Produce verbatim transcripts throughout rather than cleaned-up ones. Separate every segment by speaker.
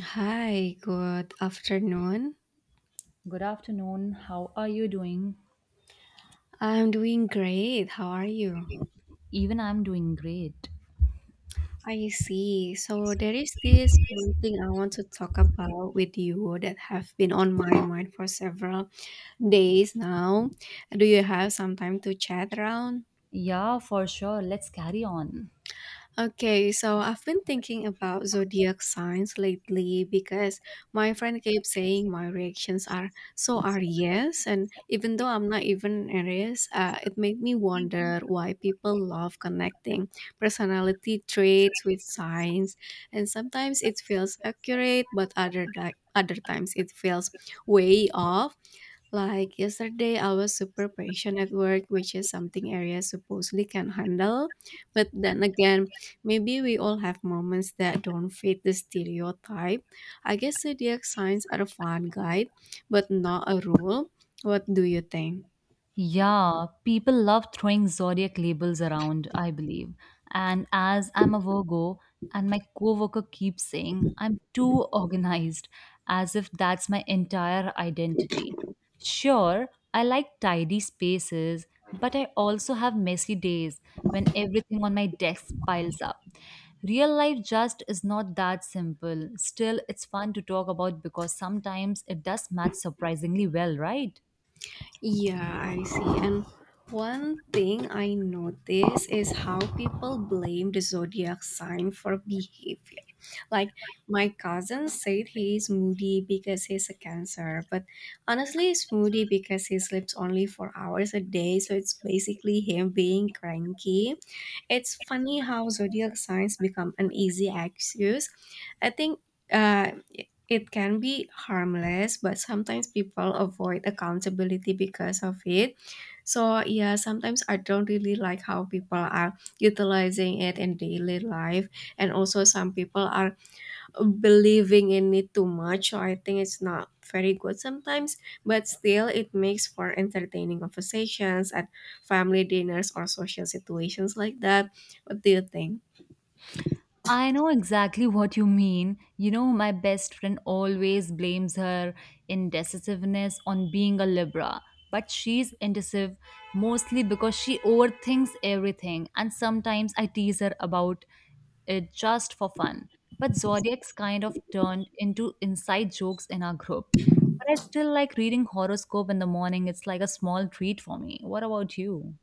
Speaker 1: Hi, good afternoon.
Speaker 2: Good afternoon. How are you doing?
Speaker 1: I'm doing great. How are you?
Speaker 2: Even I'm doing great.
Speaker 1: I see. So there is this one thing I want to talk about with you that have been on my mind for several days now. Do you have some time to chat around?
Speaker 2: Yeah, for sure. Let's carry on.
Speaker 1: Okay, so I've been thinking about zodiac signs lately because my friend keeps saying my reactions are so Aries, and even though I'm not even Aries, uh, it made me wonder why people love connecting personality traits with signs, and sometimes it feels accurate, but other di- other times it feels way off. Like yesterday, I was super patient at work, which is something areas supposedly can handle. But then again, maybe we all have moments that don't fit the stereotype. I guess zodiac signs are a fun guide, but not a rule. What do you think?
Speaker 2: Yeah, people love throwing zodiac labels around, I believe. And as I'm a Virgo, and my coworker keeps saying I'm too organized, as if that's my entire identity. Sure, I like tidy spaces, but I also have messy days when everything on my desk piles up. Real life just is not that simple. Still, it's fun to talk about because sometimes it does match surprisingly well, right?
Speaker 1: Yeah, I see. And one thing I notice is how people blame the zodiac sign for behavior. Like my cousin said he's moody because he's a cancer, but honestly he's moody because he sleeps only four hours a day, so it's basically him being cranky. It's funny how zodiac signs become an easy excuse. I think uh it can be harmless, but sometimes people avoid accountability because of it. So, yeah, sometimes I don't really like how people are utilizing it in daily life. And also, some people are believing in it too much. So, I think it's not very good sometimes, but still, it makes for entertaining conversations at family dinners or social situations like that. What do you think?
Speaker 2: I know exactly what you mean. You know, my best friend always blames her indecisiveness on being a Libra, but she's indecisive mostly because she overthinks everything, and sometimes I tease her about it just for fun. But zodiacs kind of turned into inside jokes in our group. But I still like reading horoscope in the morning. It's like a small treat for me. What about you?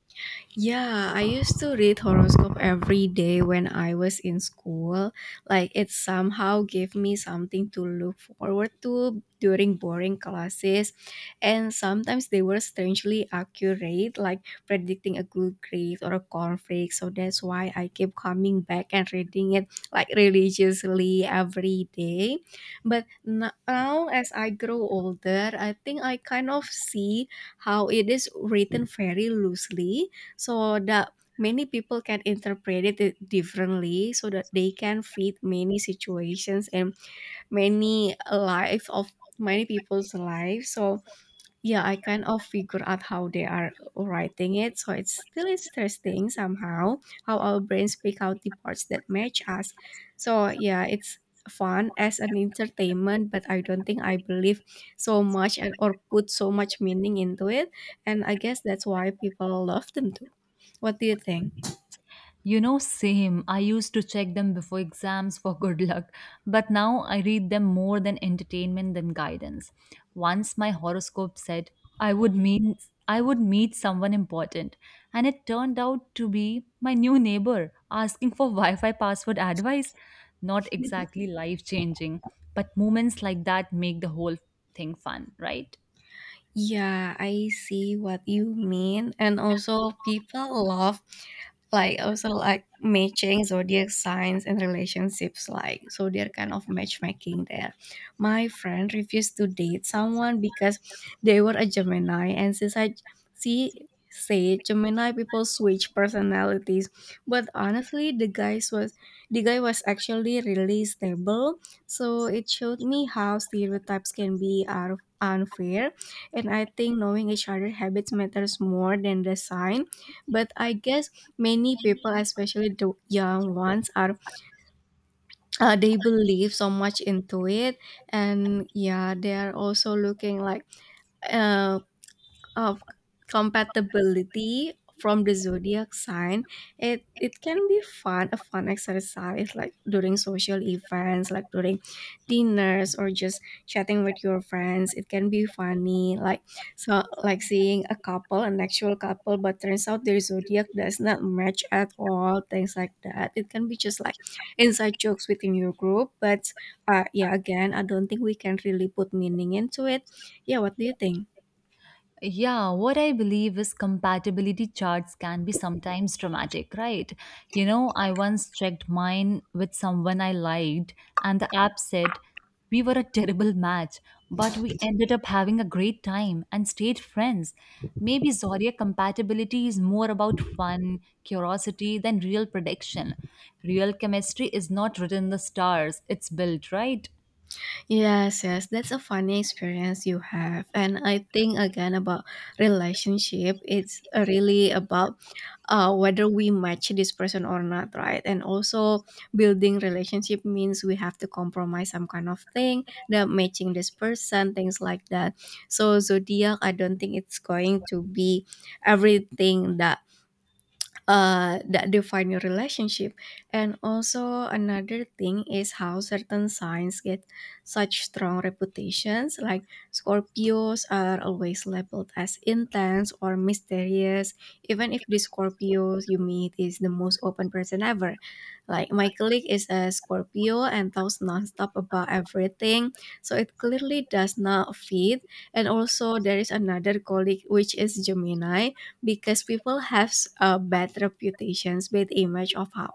Speaker 1: Yeah, I used to read horoscope every day when I was in school. Like it somehow gave me something to look forward to during boring classes. And sometimes they were strangely accurate, like predicting a good grade or a conflict. So that's why I kept coming back and reading it like religiously every day. But n- now as I grow older, I think I kind of see how it is written very loosely so that many people can interpret it di- differently, so that they can fit many situations and many life of many people's life. So yeah, I kind of figure out how they are writing it, so it's still interesting somehow how our brains pick out the parts that match us. So yeah, it's fun as an entertainment, but I don't think I believe so much and or put so much meaning into it. And I guess that's why people love them too. What do you think?
Speaker 2: You know, same. I used to check them before exams for good luck, but now I read them more than entertainment than guidance. Once my horoscope said I would meet I would meet someone important, and it turned out to be my new neighbor asking for Wi-Fi password advice. Not exactly life-changing, but moments like that make the whole thing fun, right?
Speaker 1: Yeah, I see what you mean. And also, people love, like also like matching zodiac signs and relationships, like so they're kind of matchmaking there. My friend refused to date someone because they were a Gemini, and since I see say Gemini people switch personalities, but honestly the guys was the guy was actually really stable. So it showed me how stereotypes can be are unfair. And I think knowing each other habits matters more than the sign, but I guess many people, especially the young ones, are uh, they believe so much into it, and yeah, they are also looking like, uh, of compatibility from the zodiac sign. It it can be fun a fun exercise, like during social events, like during dinners or just chatting with your friends. It can be funny, like, so like seeing a couple, an actual couple, but turns out their zodiac does not match at all. Things like that, it can be just like inside jokes within your group. But uh yeah, again, I don't think we can really put meaning into it. Yeah, what do you think?
Speaker 2: Yeah, what I believe is compatibility charts can be sometimes dramatic, right? You know, I once checked mine with someone I liked, and the app said we were a terrible match, but we ended up having a great time and stayed friends. Maybe Zoria compatibility is more about fun, curiosity than real prediction. Real chemistry is not written in the stars, it's built, right?
Speaker 1: Yes, yes, that's a funny experience you have. And I think again about relationship, it's uh, really about uh, whether we match this person or not, right? And also building relationship means we have to compromise some kind of thing that matching this person, things like that. So zodiac, I don't think it's going to be everything that uh, that define your relationship. And also another thing is how certain signs get such strong reputations. Like Scorpios are always labeled as intense or mysterious, even if the Scorpios you meet is the most open person ever. Like my colleague is a Scorpio and talks nonstop about everything, so it clearly does not fit. And also there is another colleague which is Gemini, because people have a bad reputations, bad image of how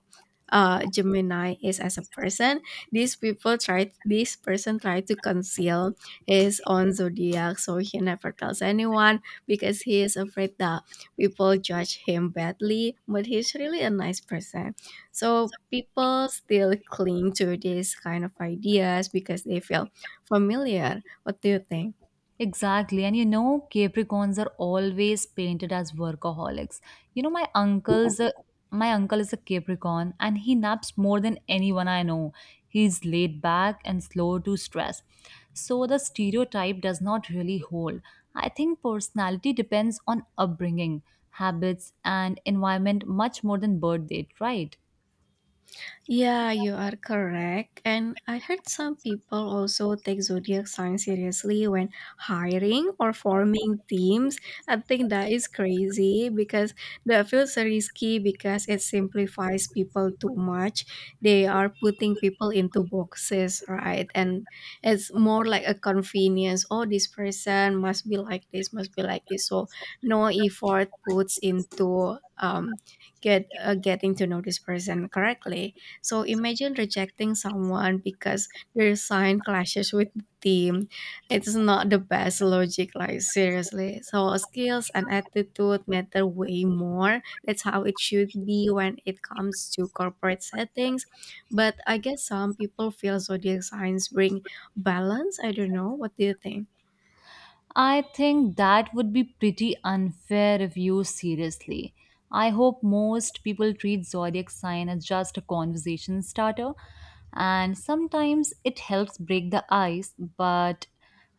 Speaker 1: uh, Gemini is as a person. These people try, this person tried to conceal his own zodiac, so he never tells anyone because he is afraid that people judge him badly. But he's really a nice person. So people still cling to these kind of ideas because they feel familiar. What do you think?
Speaker 2: Exactly. And you know, Capricorns are always painted as workaholics. You know, my uncle's a, my uncle is a Capricorn and he naps more than anyone I know. He's laid back and slow to stress. So the stereotype does not really hold. I think personality depends on upbringing, habits, and environment much more than birth date, right?
Speaker 1: Yeah, you are correct. And I heard some people also take zodiac signs seriously when hiring or forming teams. I think that is crazy because that feels risky because it simplifies people too much. They are putting people into boxes, right? And it's more like a convenience. Oh, this person must be like this, must be like this. So no effort puts into um get uh, getting to know this person correctly, so imagine rejecting someone because their sign clashes with the team. It's not the best logic, like seriously. So skills and attitude matter way more. That's how it should be when it comes to corporate settings. But I guess some people feel zodiac signs bring balance. I don't know. What do you think?
Speaker 2: I think that would be pretty unfair if used seriously. I hope most people treat zodiac sign as just a conversation starter, and sometimes it helps break the ice. But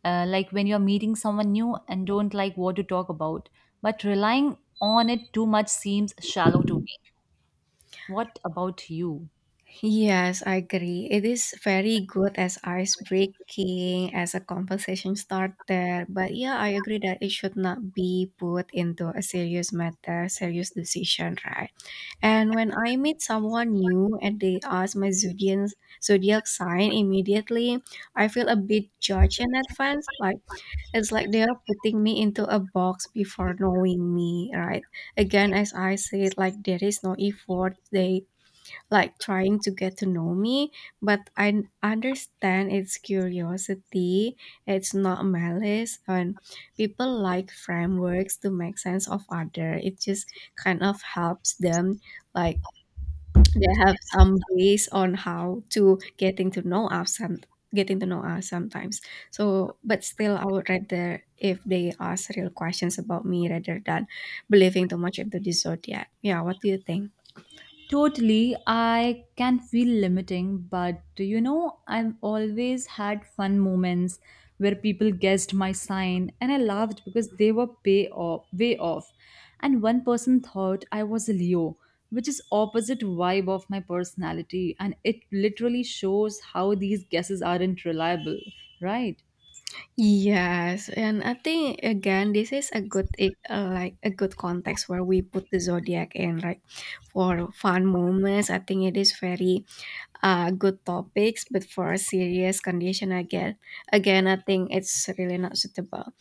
Speaker 2: uh, like when you're meeting someone new and don't like what to talk about, but relying on it too much seems shallow to me. What about you?
Speaker 1: Yes, I agree. It is very good as ice breaking, as a conversation starter. But yeah, I agree that it should not be put into a serious matter, serious decision, right? And when I meet someone new and they ask my zodiac zodiac sign immediately, I feel a bit judged in advance. Like it's like they are putting me into a box before knowing me, right? Again, as I said, like there is no effort. They like trying to get to know me, but I n- understand it's curiosity, it's not malice. And people like frameworks to make sense of other. It just kind of helps them, like they have some base on how to getting to know us, some getting to know us sometimes. So, but still, I would rather if they ask real questions about me rather than believing too much into the zodiac. Yeah, what do you think?
Speaker 2: Totally, I can feel limiting, but you know, I've always had fun moments where people guessed my sign and I laughed because they were pay off, way off. And one person thought I was a Leo, which is opposite vibe of my personality, and it literally shows how these guesses aren't reliable, right?
Speaker 1: Yes, and I think again this is a good e- uh, like a good context where we put the zodiac in, like for fun moments. I think it is very uh good topics, but for a serious condition, again, again I think it's really not suitable.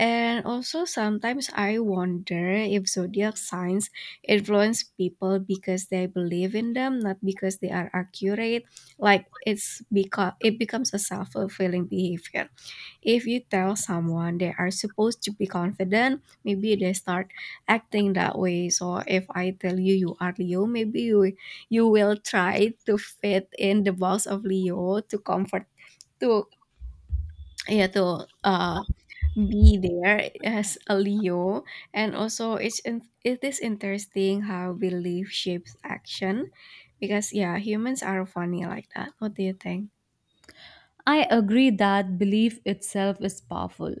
Speaker 1: And also sometimes I wonder if zodiac signs influence people because they believe in them, not because they are accurate. Like it's because it becomes a self fulfilling behavior. If you tell someone they are supposed to be confident, maybe they start acting that way. So if I tell you you are Leo, maybe you you will try to fit in the box of Leo, to comfort to yeah, to uh be there as a Leo. And also it's in, it is interesting how belief shapes action, because yeah humans are funny like that. What do you think?
Speaker 2: I agree that belief itself is powerful.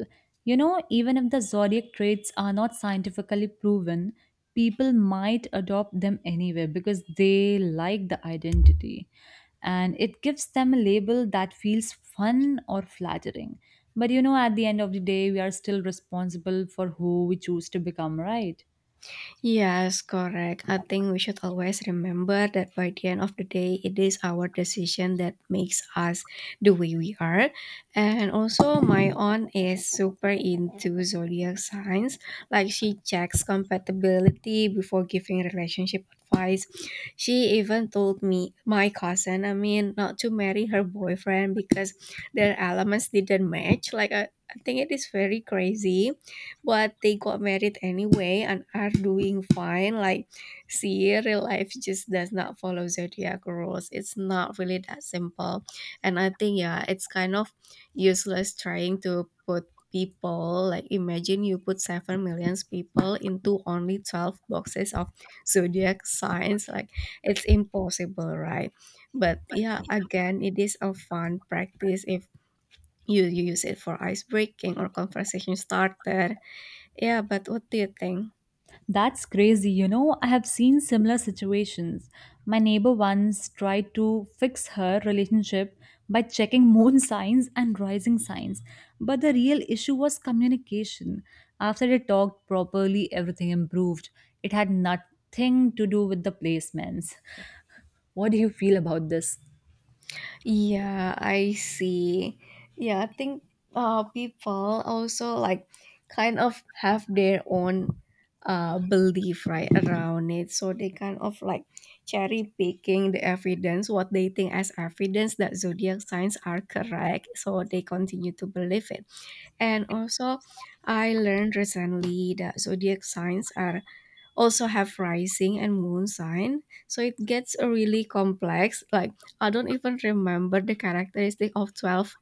Speaker 2: You know, even if the zodiac traits are not scientifically proven, people might adopt them anyway because they like the identity and it gives them a label that feels fun or flattering. But you know, at the end of the day, we are still responsible for who we choose to become, right?
Speaker 1: Yes, correct. I think we should always remember that by the end of the day, it is our decision that makes us the way we are. And also, my aunt is super into zodiac signs. Like, she checks compatibility before giving relationship advice. She even told me, my cousin, I mean, not to marry her boyfriend because their elements didn't match. Like, I, I think it is very crazy, but they got married anyway and are doing fine. Like, see, real life just does not follow zodiac rules. It's not really that simple. And I think, yeah, it's kind of useless trying to put people, like imagine you put seven millions people into only twelve boxes of zodiac signs, like it's impossible, right? But yeah, again, it is a fun practice if you use it for ice breaking or conversation starter. Yeah, but what do you think?
Speaker 2: That's crazy. You know, I have seen similar situations. My neighbor once tried to fix her relationship by checking moon signs and rising signs, but the real issue was communication. After they talked properly, everything improved. It had nothing to do with the placements. What do you feel about this?
Speaker 1: Yeah, I see. Yeah, I think uh people also like kind of have their own uh belief right around it. So they kind of like cherry picking the evidence, what they think as evidence that zodiac signs are correct. So they continue to believe it. And also I learned recently that zodiac signs are also have rising and moon sign, so it gets a really complex, like I don't even remember the characteristic of twelve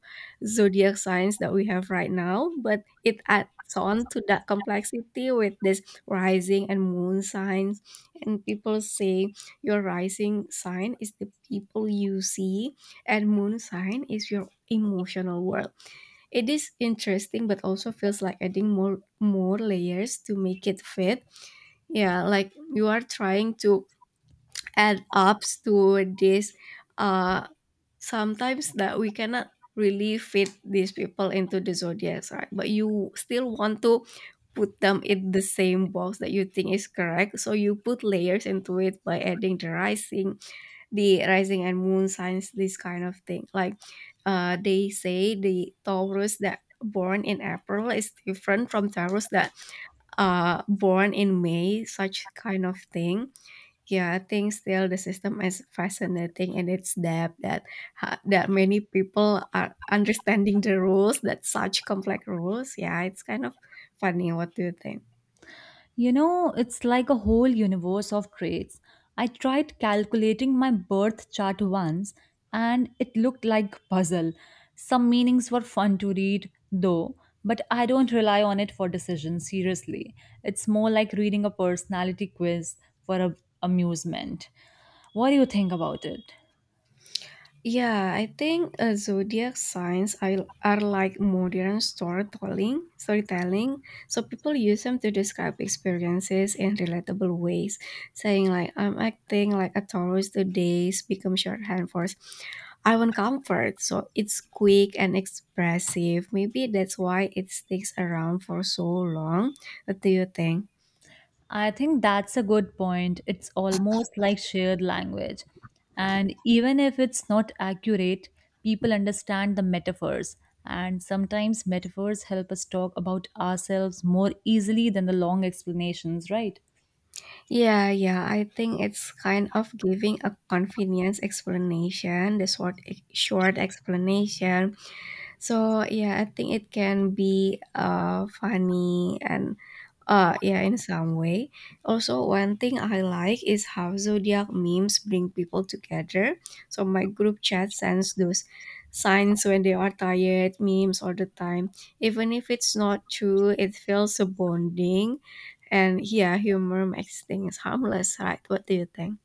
Speaker 1: zodiac signs that we have right now, but it adds on to that complexity with this rising and moon signs. And people say your rising sign is the people you see and moon sign is your emotional world. It is interesting, but also feels like adding more more layers to make it fit. Yeah, like you are trying to add ups to this, uh sometimes that we cannot really fit these people into the zodiacs, right? But you still want to put them in the same box that you think is correct. So you put layers into it by adding the rising, the rising and moon signs, this kind of thing, like uh, they say the Taurus that born in April is different from Taurus that uh, born in May, such kind of thing. Yeah, I think still the system is fascinating, and its depth that ha- that many people are understanding the rules, that such complex rules. Yeah, it's kind of funny. What do you think?
Speaker 2: You know, it's like a whole universe of traits. I tried calculating my birth chart once and it looked like puzzle. Some meanings were fun to read though, but I don't rely on it for decisions seriously. It's more like reading a personality quiz for a- amusement. What do you think about it?
Speaker 1: Yeah, I think uh, zodiac signs are, are like modern storytelling, storytelling. So people use them to describe experiences in relatable ways, saying like I'm acting like a Taurus today, become shorthand for I want comfort. So it's quick and expressive. Maybe that's why it sticks around for so long. What do you think?
Speaker 2: I think that's a good point. It's almost like shared language. And even if it's not accurate, people understand the metaphors. And sometimes metaphors help us talk about ourselves more easily than the long explanations, right?
Speaker 1: Yeah, yeah. I think it's kind of giving a convenience explanation, the short e, short explanation. So yeah, I think it can be uh funny and uh yeah, in some way. Also, one thing I like is how zodiac memes bring people together. So my group chat sends those signs when they are tired memes all the time. Even if it's not true, it feels so bonding, and yeah, humor makes things harmless, right? What do you think?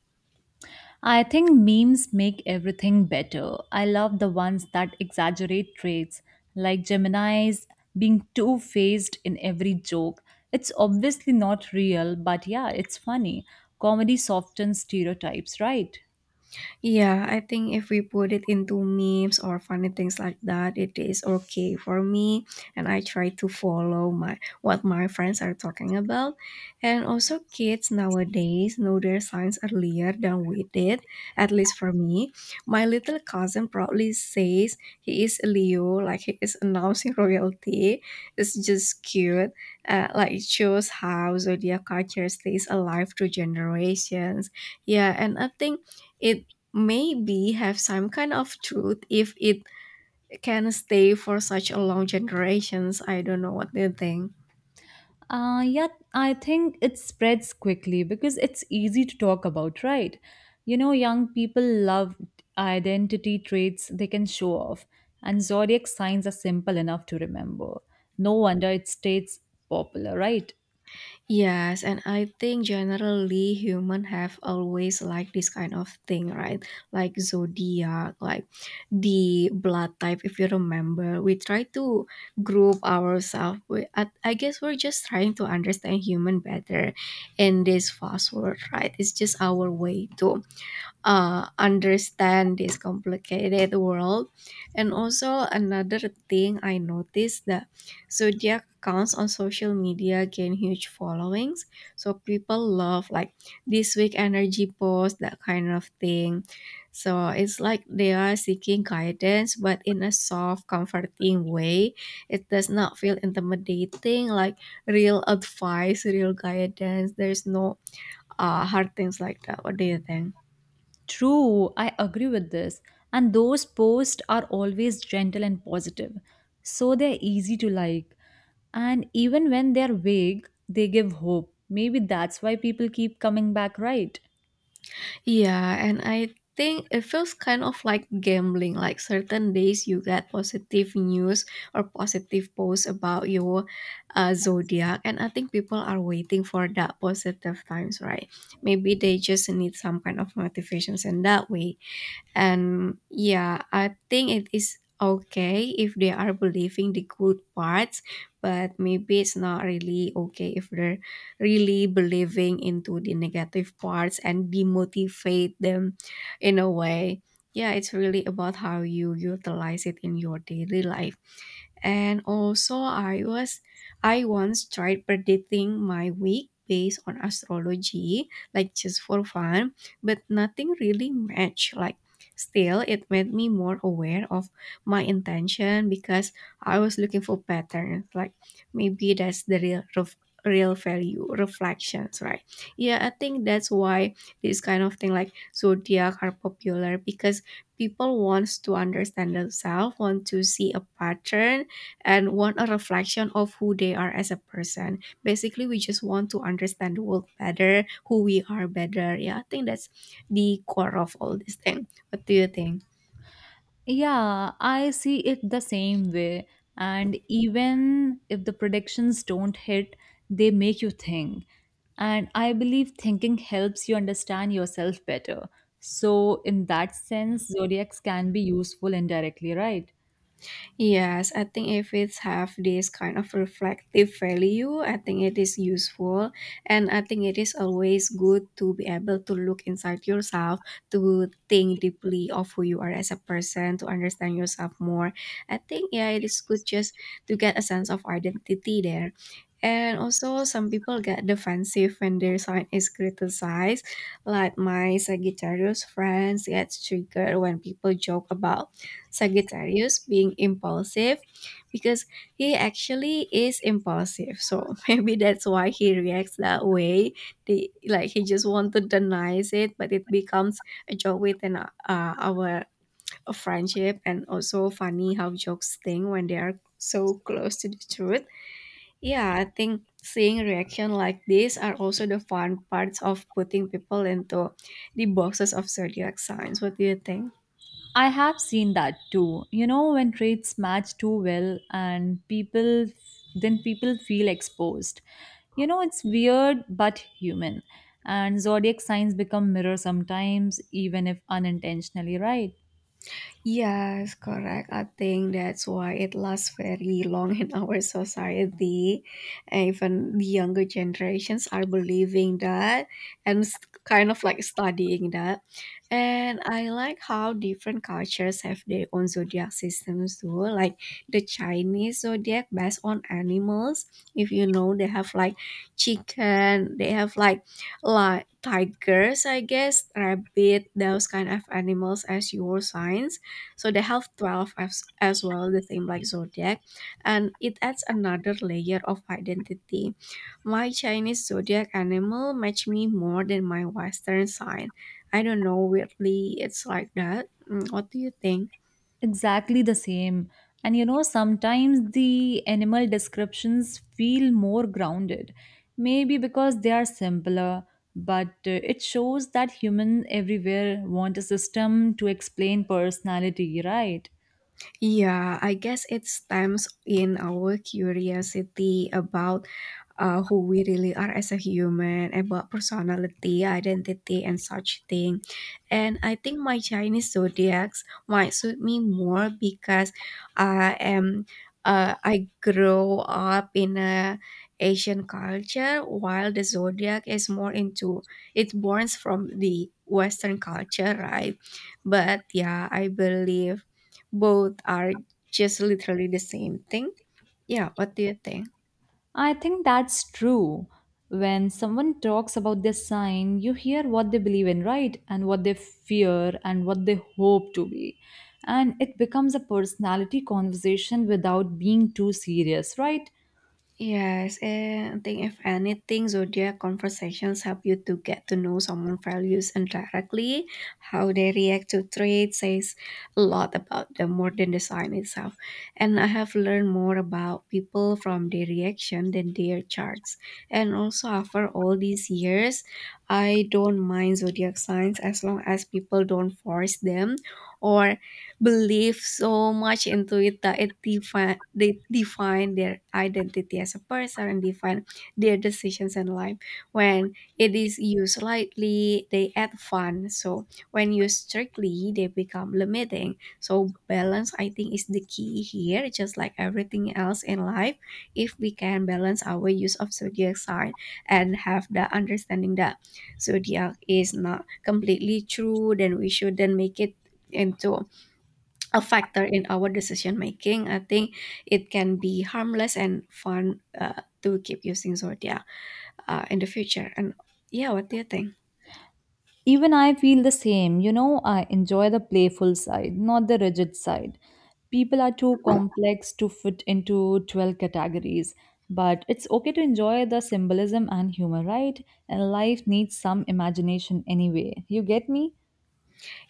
Speaker 2: I think memes make everything better. I love the ones that exaggerate traits, like Gemini's being two faced in every joke. It's obviously not real, but yeah, it's funny. Comedy softens stereotypes, right?
Speaker 1: Yeah, I think if we put it into memes or funny things like that, it is okay for me. And I try to follow my what my friends are talking about. And also kids nowadays know their signs earlier than we did, at least for me. My little cousin proudly says he is a Leo, like he is announcing royalty. It's just cute. Uh, like it shows how zodiac culture stays alive through generations. Yeah, and I think it maybe have some kind of truth if it can stay for such a long generations. I don't know, what do you think.
Speaker 2: Uh, yeah, I think it spreads quickly because it's easy to talk about, right? You know, young people love identity traits they can show off, and zodiac signs are simple enough to remember. No wonder it stays popular, right?
Speaker 1: Yes, and I think generally human have always like this kind of thing, right? Like zodiac, like the blood type. If you remember, we try to group ourselves. We, I, I guess we're just trying to understand human better in this fast world, right? It's just our way to uh, understand this complicated world. And also another thing I noticed that zodiac accounts on social media gain huge followings. So people love like this week energy post, that kind of thing. So it's like they are seeking guidance, but in a soft, comforting way. It does not feel intimidating, like real advice, real guidance. There's no uh, hard things like that. What do you think?
Speaker 2: True, I agree with this. And those posts are always gentle and positive, so they're easy to like. And even when they're vague, they give hope. Maybe that's why people keep coming back, right?
Speaker 1: Yeah, and I think it feels kind of like gambling. Like certain days you get positive news or positive posts about your uh, zodiac, and I think people are waiting for that positive times, right? Maybe they just need some kind of motivations in that way. And yeah, I think it is okay if they are believing the good parts, but maybe it's not really okay if they're really believing into the negative parts and demotivate them in a way. Yeah, it's really about how you utilize it in your daily life. And also, I was I once tried predicting my week based on astrology, like just for fun, but nothing really matched. Like, still, it made me more aware of my intention because I was looking for patterns. Like, maybe that's the real ref- real value reflections, right? Yeah, I think that's why this kind of thing like zodiac are popular because people wants to understand themselves, want to see a pattern, and want a reflection of who they are as a person. Basically, we just want to understand the world better, who we are better. Yeah, I think that's the core of all this thing. What do you think?
Speaker 2: Yeah, I see it the same way. And even if the predictions don't hit, they make you think. And I believe thinking helps you understand yourself better. So, in that sense, zodiacs can be useful indirectly, right?
Speaker 1: Yes, I think if it's have this kind of reflective value, I think it is useful, and I think it is always good to be able to look inside yourself, to think deeply of who you are as a person, to understand yourself more. I think yeah, it is good just to get a sense of identity there. And also some people get defensive when their sign is criticized, like my Sagittarius friends gets triggered when people joke about Sagittarius being impulsive because he actually is impulsive. So maybe that's why he reacts that way. They, like he just want to denies it, but it becomes a joke within uh, our friendship, and also funny how jokes sting when they are so close to the truth. Yeah, I think seeing reaction like this are also the fun parts of putting people into the boxes of zodiac signs. What do you think?
Speaker 2: I have seen that too. You know, when traits match too well and people then people feel exposed. You know, it's weird but human. And zodiac signs become mirrors sometimes, even if unintentionally, right?
Speaker 1: Yes, correct. I think that's why it lasts very long in our society. And even the younger generations are believing that, and s- kind of like studying that. And I like how different cultures have their own zodiac systems too. Like the Chinese zodiac based on animals. If you know, they have like chicken, they have like like tigers, I guess, rabbit, those kind of animals as your signs, so they have twelve as, as well, the same like zodiac, and it adds another layer of identity. My Chinese zodiac animal match me more than my Western sign. I don't know, weirdly it's like that. Mm, what do you think?
Speaker 2: Exactly the same. And you know, sometimes the animal descriptions feel more grounded, maybe because they are simpler, but uh, it shows that humans everywhere want a system to explain personality, right?
Speaker 1: Yeah, I guess it stems in our curiosity about uh, who we really are as a human, about personality, identity, and such thing. And I think my Chinese zodiacs might suit me more because I am uh, I grow up in a Asian culture while the zodiac is more into it, borns from the Western culture, right? But yeah, I believe both are just literally the same thing. Yeah, what do you think?
Speaker 2: I think that's true. When someone talks about their sign, you hear what they believe in, right? And what they fear and what they hope to be. And it becomes a personality conversation without being too serious, right?
Speaker 1: Yes, and I think if anything, zodiac conversations help you to get to know someone's values indirectly. How they react to traits says a lot about them more than the sign itself. And I have learned more about people from their reaction than their charts. And also, after all these years, I don't mind zodiac signs as long as people don't force them, or believe so much into it that it define, they define their identity as a person and define their decisions in life. When it is used lightly, they add fun. So when used strictly, they become limiting. So balance, I think, is the key here. Just like everything else in life, if we can balance our use of zodiac sign and have the understanding that zodiac is not completely true, then we shouldn't make it into a factor in our decision making. I think it can be harmless and fun, uh, to keep using Zordia uh, in the future. And yeah, what do you think?
Speaker 2: Even I feel the same. You know, I enjoy the playful side, not the rigid side. People are too complex to fit into twelve categories, but it's okay to enjoy the symbolism and humor, right? And life needs some imagination anyway. You get me?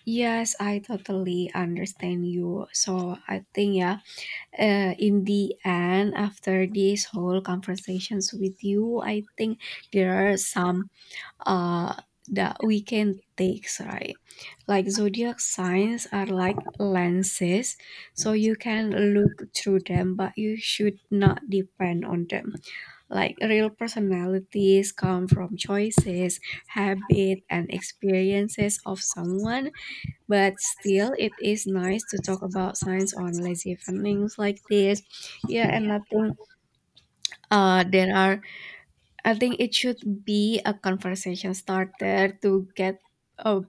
Speaker 1: Yes, I totally understand you. So I think yeah, uh, in the end, after these whole conversations with you, I think there are some uh, that we can take, right? Like zodiac signs are like lenses, so you can look through them, but you should not depend on them. Like real personalities come from choices, habit, and experiences of someone, but still, it is nice to talk about signs on lazy evenings like this. Yeah, and nothing. Uh, there are I think it should be a conversation starter to get uh,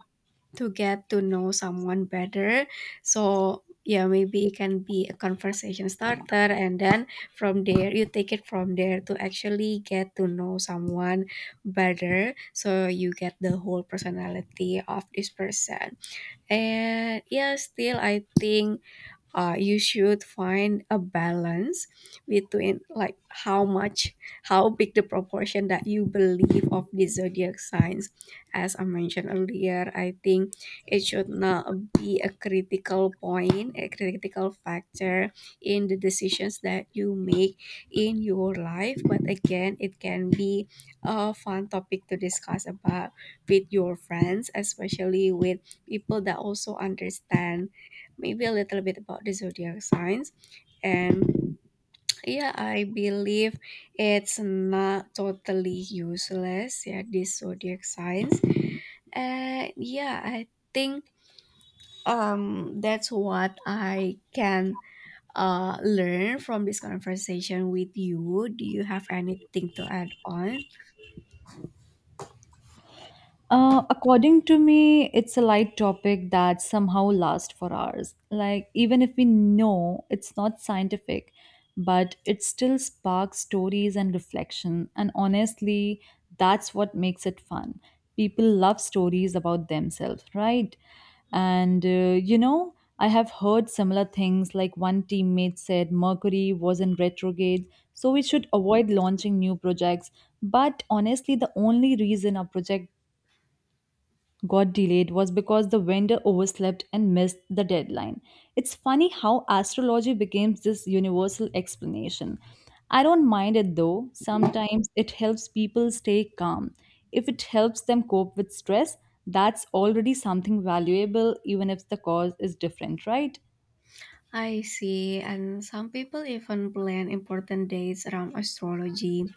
Speaker 1: to get to know someone better. So yeah, maybe it can be a conversation starter, and then from there you take it from there to actually get to know someone better. So you get the whole personality of this person. And yeah, still I think uh, you should find a balance between like how much how big the proportion that you believe of the zodiac signs. As I mentioned earlier, I think it should not be a critical point a critical factor in the decisions that you make in your life. But again, it can be a fun topic to discuss about with your friends, especially with people that also understand maybe a little bit about the zodiac signs. And yeah, I believe it's not totally useless. Yeah, these zodiac signs. And yeah, I think um that's what I can uh learn from this conversation with you. Do you have anything to add on?
Speaker 2: Uh, according to me, it's a light topic that somehow lasts for hours. Like, even if we know it's not scientific, but it still sparks stories and reflection. And honestly, that's what makes it fun. People love stories about themselves, right? And uh, you know, I have heard similar things like one teammate said Mercury was in retrograde, so we should avoid launching new projects. But honestly, the only reason a project got delayed was because the vendor overslept and missed the deadline. It's funny how astrology becomes this universal explanation. I don't mind it though. Sometimes it helps people stay calm. If it helps them cope with stress, that's already something valuable, even if the cause is different, right?
Speaker 1: I see, and some people even plan important dates around astrology.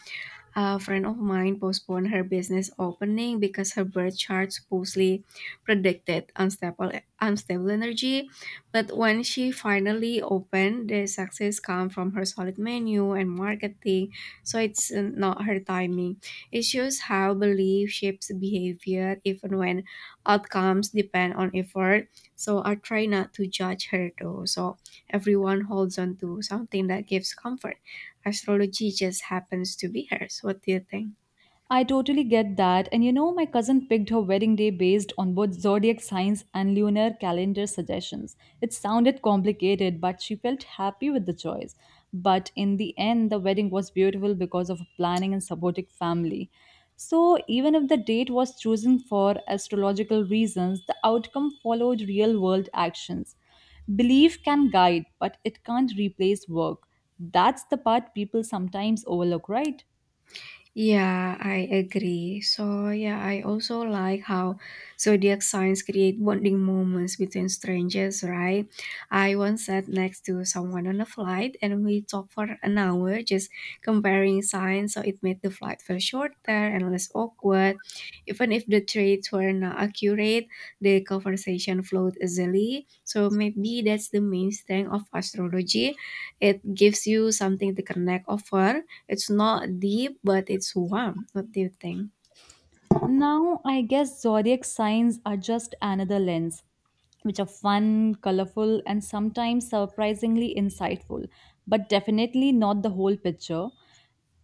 Speaker 1: A friend of mine postponed her business opening because her birth chart supposedly predicted unstable, unstable energy. But when she finally opened, the success come from her solid menu and marketing. So it's uh, not her timing. It shows how belief shapes behavior even when outcomes depend on effort. So I try not to judge her though. So everyone holds on to something that gives comfort, astrology just happens to be hers. What do you think?
Speaker 2: I totally get that. And you know, my cousin picked her wedding day based on both zodiac signs and lunar calendar suggestions. It sounded complicated, but she felt happy with the choice. But in the end, the wedding was beautiful because of planning and supportive family. So, even if the date was chosen for astrological reasons, the outcome followed real world actions. Belief can guide, but it can't replace work. That's the part people sometimes overlook, right?
Speaker 1: Yeah, I agree. So yeah, I also like how zodiac signs create bonding moments between strangers, right? I once sat next to someone on a flight and we talked for an hour just comparing signs, so it made the flight feel shorter and less awkward. Even if the traits were not accurate, the conversation flowed easily. So maybe that's the main strength of astrology. It gives you something to connect over. It's not deep, but it's warm. What do you think?
Speaker 2: Now, I guess zodiac signs are just another lens, which are fun, colorful, and sometimes surprisingly insightful, but definitely not the whole picture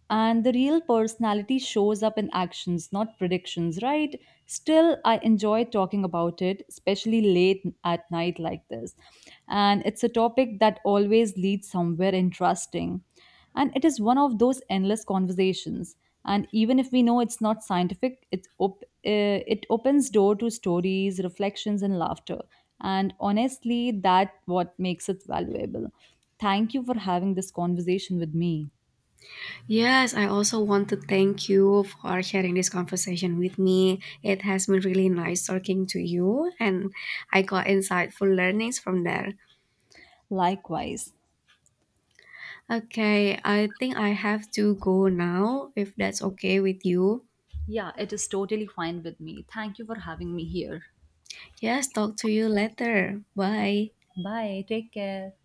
Speaker 2: and the real personality shows up in actions, not predictions, right? Still, I enjoy talking about it, especially late at night like this. And it's a topic that always leads somewhere interesting. And it is one of those endless conversations. And even if we know it's not scientific, it, op- uh, it opens door to stories, reflections, and laughter. And honestly, that what makes it valuable. Thank you for having this conversation with me.
Speaker 1: Yes, I also want to thank you for sharing this conversation with me. It has been really nice talking to you, and I got insightful learnings from there.
Speaker 2: Likewise.
Speaker 1: Okay, I think I have to go now, if that's okay with you.
Speaker 2: Yeah, it is totally fine with me. Thank you for having me here.
Speaker 1: Yes, talk to you later. Bye.
Speaker 2: Bye. Take care.